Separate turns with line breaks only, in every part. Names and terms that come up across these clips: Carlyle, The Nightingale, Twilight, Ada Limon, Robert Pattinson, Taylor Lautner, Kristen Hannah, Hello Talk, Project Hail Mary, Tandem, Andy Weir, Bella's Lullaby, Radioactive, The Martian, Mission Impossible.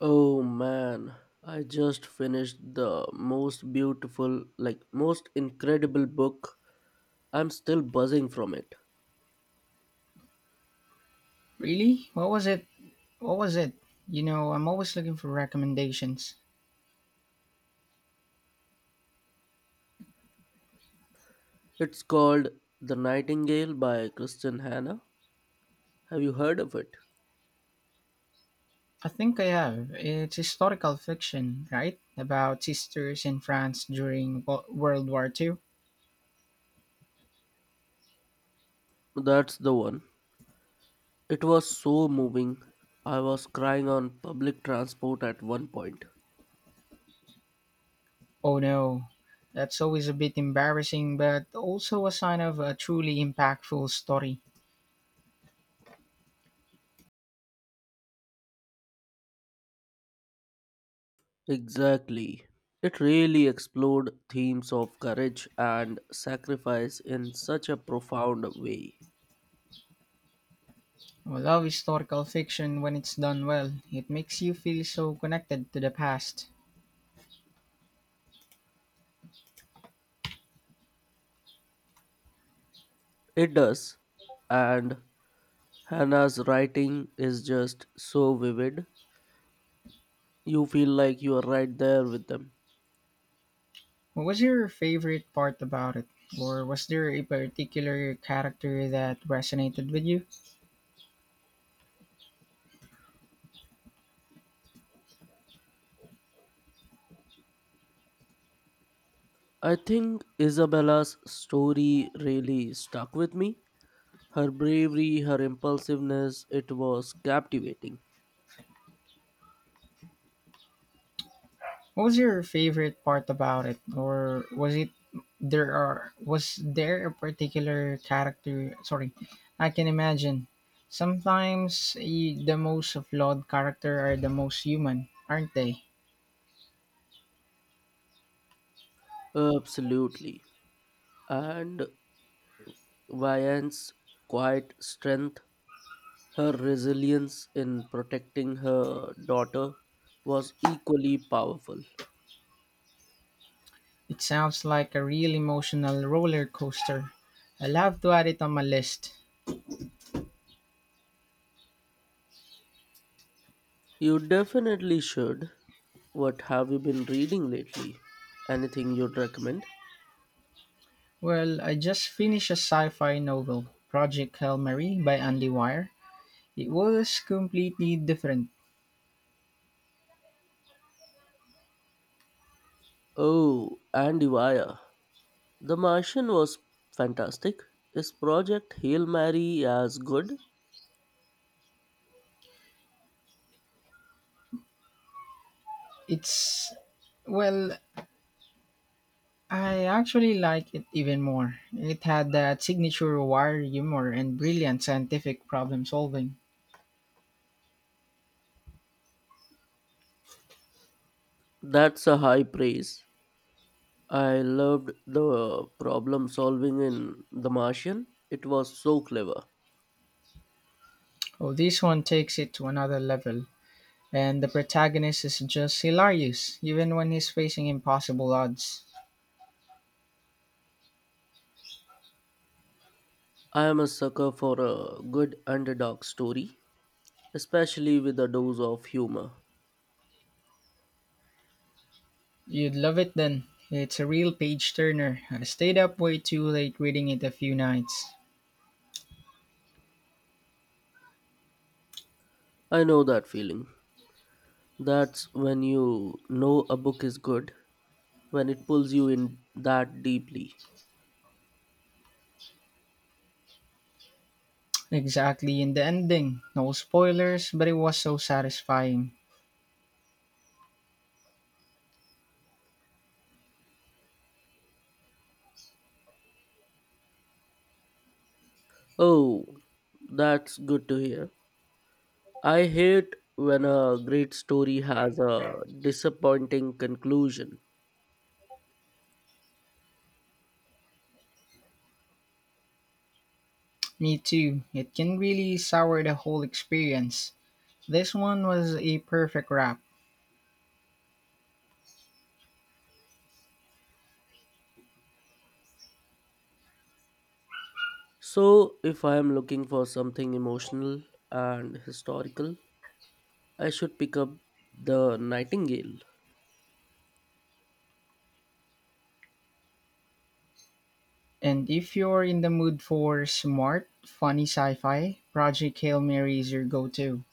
Oh man, I just finished the most beautiful, like most incredible book. I'm still buzzing from it.
Really? What was it? What was it? You know, I'm always looking for recommendations.
It's called The Nightingale by Kristen Hannah. Have you heard of it?
I think I have. It's historical fiction, right? About sisters in France during World War Two.
That's the one. It was so moving. I was crying on public transport at one point.
Oh no. That's always a bit embarrassing, but also a sign of a truly impactful story.
Exactly. It really explored themes of courage and sacrifice in such a profound way.
I love historical fiction when it's done well. It makes you feel so connected to the past.
It does. And Hannah's writing is just so vivid. You feel like you are right there with them.
What was your favorite part about it? Or was there a particular character that resonated with you?
I think Isabella's story really stuck with me. Her bravery, her impulsiveness, it was captivating.
What was your favorite part about it, or was there a particular character? Sorry, I can imagine. Sometimes the most flawed character are the most human, aren't they?
Absolutely. And Vianne's quiet strength, her resilience in protecting her daughter was equally powerful.
It sounds like a real emotional roller coaster. I'll have to add it on my list.
You definitely should. What have you been reading lately? Anything you'd recommend?
Well, I just finished a sci-fi novel, Project Hail Mary by Andy Weir. It was completely different.
Oh, Andy Weir. The Martian was fantastic. Is Project Hail Mary as good?
It's well, I actually like it even more. It had that signature wire humor and brilliant scientific problem solving.
That's a high praise. I loved the problem solving in The Martian. It was so clever.
Oh, this one takes it to another level. And the protagonist is just hilarious, even when he's facing impossible odds.
I am a sucker for a good underdog story, especially with a dose of humor.
You'd love it then. It's a real page turner. I stayed up way too late reading it a few nights.
I know that feeling. That's when you know a book is good when it pulls you in that deeply.
Exactly in the ending. No spoilers, but it was so satisfying.
Oh, that's good to hear. I hate when a great story has a disappointing conclusion.
Me too. It can really sour the whole experience. This one was a perfect wrap.
So, if I am looking for something emotional and historical, I should pick up The Nightingale.
And if you're in the mood for smart, funny sci-fi, Project Hail Mary is your go-to.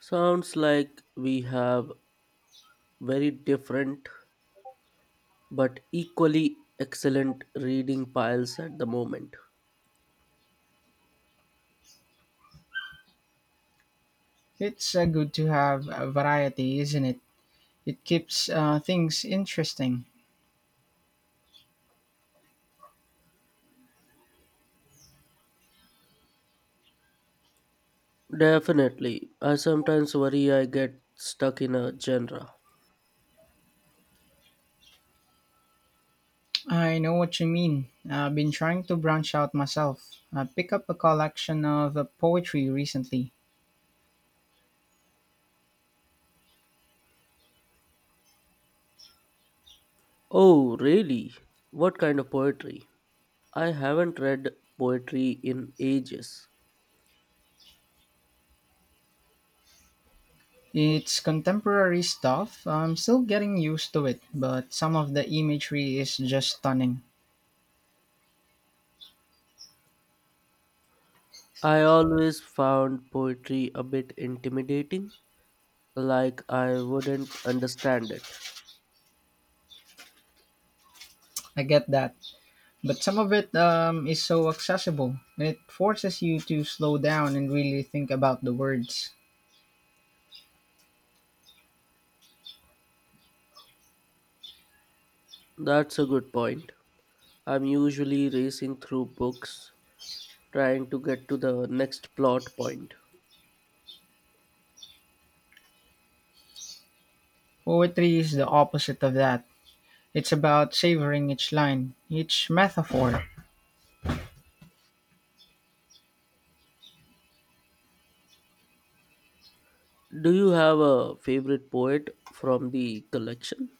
Sounds like we have very different but equally excellent reading piles at the moment.
It's good to have a variety, isn't it? It keeps things interesting.
Definitely. I sometimes worry I get stuck in a genre.
I know what you mean. I've been trying to branch out myself. I picked up a collection of poetry recently.
Oh, really? What kind of poetry? I haven't read poetry in ages.
It's contemporary stuff. I'm still getting used to it, but some of the imagery is just stunning.
I always found poetry a bit intimidating, like I wouldn't understand it.
I get that. But some of it is so accessible, and it forces you to slow down and really think about the words.
That's a good point. I'm usually racing through books, trying to get to the next plot point.
Poetry is the opposite of that. It's about savoring each line, each metaphor.
Do you have a favorite poet from the collection?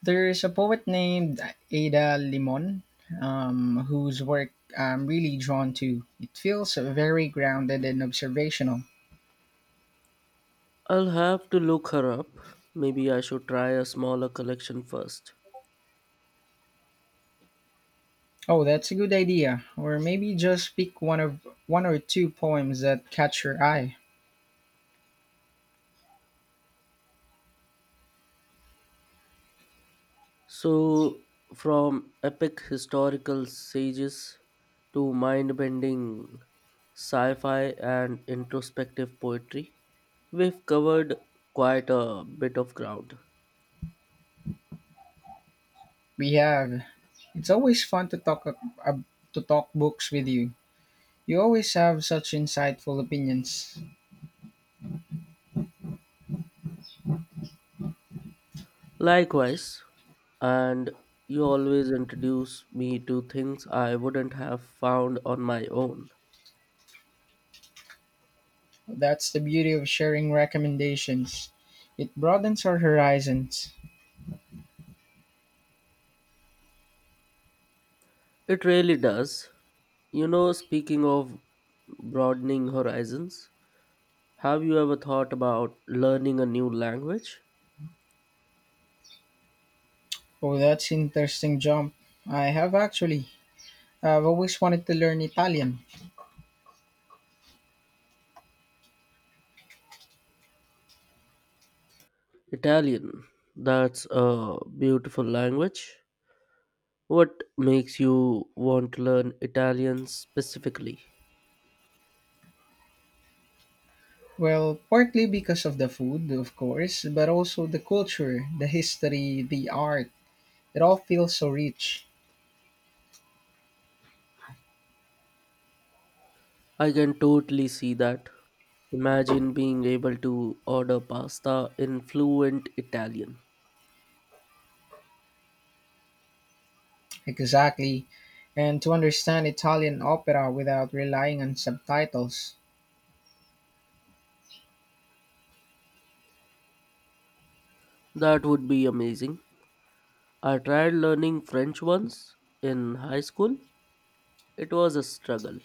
There is a poet named Ada Limon, whose work I'm really drawn to. It feels very grounded and observational.
I'll have to look her up. Maybe I should try a smaller collection first.
Oh, that's a good idea. Or maybe just pick one of one or two poems that catch your eye.
So, from epic historical sages to mind bending sci fi and introspective poetry, we've covered quite a bit of ground.
We have. It's always fun to talk to talk books with you. You always have such insightful opinions.
Likewise, and you always introduce me to things I wouldn't have found on my own.
That's the beauty of sharing recommendations. It broadens our horizons.
It really does. You know, speaking of broadening horizons, have you ever thought about learning a new language?
Oh, that's interesting jump. I have actually. I've always wanted to learn Italian.
Italian. That's a beautiful language. What makes you want to learn Italian specifically?
Well, partly because of the food, of course, but also the culture, the history, the art. It all feels so rich.
I can totally see that. Imagine being able to order pasta in fluent Italian.
Exactly. And to understand Italian opera without relying on subtitles.
That would be amazing. I tried learning French once in high school. It was a struggle.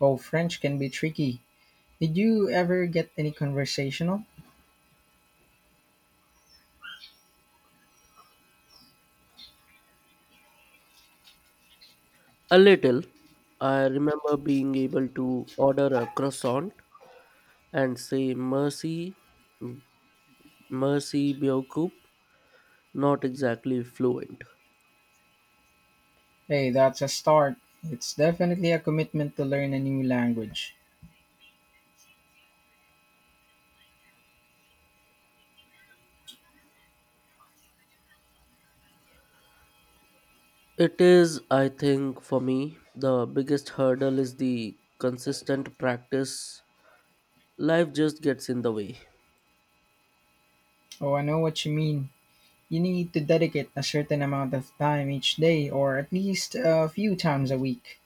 Well, French can be tricky. Did you ever get any conversational?
A little. I remember being able to order a croissant and say mercy, mercy Beowulf, not exactly fluent.
Hey, that's a start. It's definitely a commitment to learn a new language.
It is, I think, for me, the biggest hurdle is the consistent practice. Life just gets in the way.
Oh, I know what you mean. You need to dedicate a certain amount of time each day, or at least a few times a week.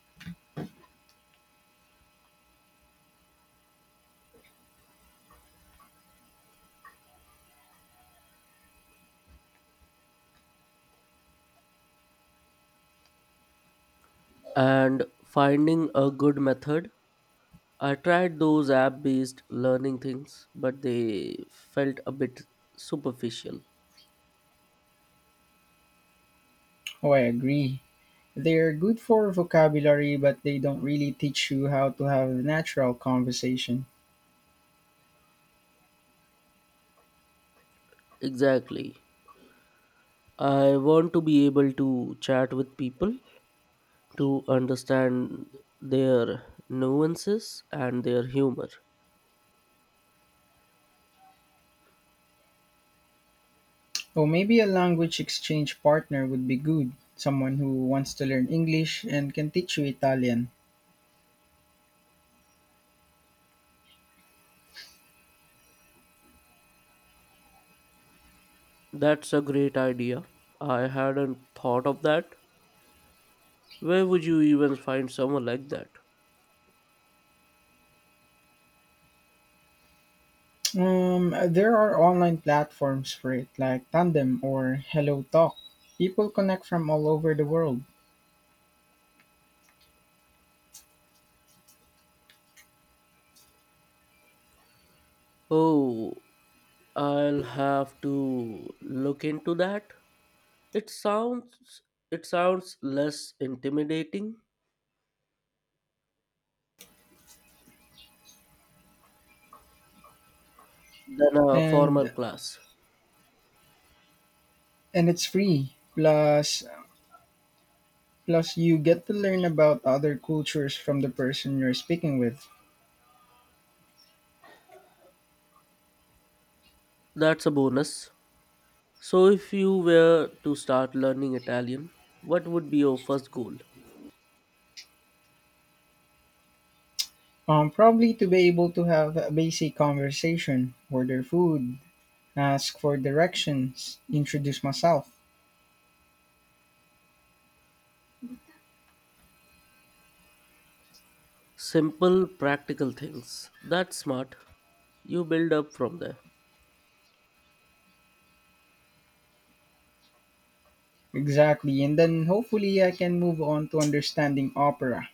And finding a good method. I tried those app based learning things, but they felt a bit superficial.
Oh, I agree. They're good for vocabulary, but they don't really teach you how to have natural conversation.
Exactly. I want to be able to chat with people to understand their nuances and their humor.
Oh, maybe a language exchange partner would be good. Someone who wants to learn English and can teach you Italian.
That's a great idea. I hadn't thought of that. Where would you even find someone like that?
There are online platforms for it, like Tandem or Hello Talk. People connect from all over the world,
Oh, I'll have to look into that. It sounds it sounds less intimidating than a formal
and
class.
and it's free. Plus, you get to learn about other cultures from the person you're speaking with.
That's a bonus. So if you were to start learning Italian, what would be your first goal?
Probably to be able to have a basic conversation, order food, ask for directions, introduce myself.
Simple, practical things. That's smart. You build up from there.
Exactly, and then hopefully I can move on to understanding opera.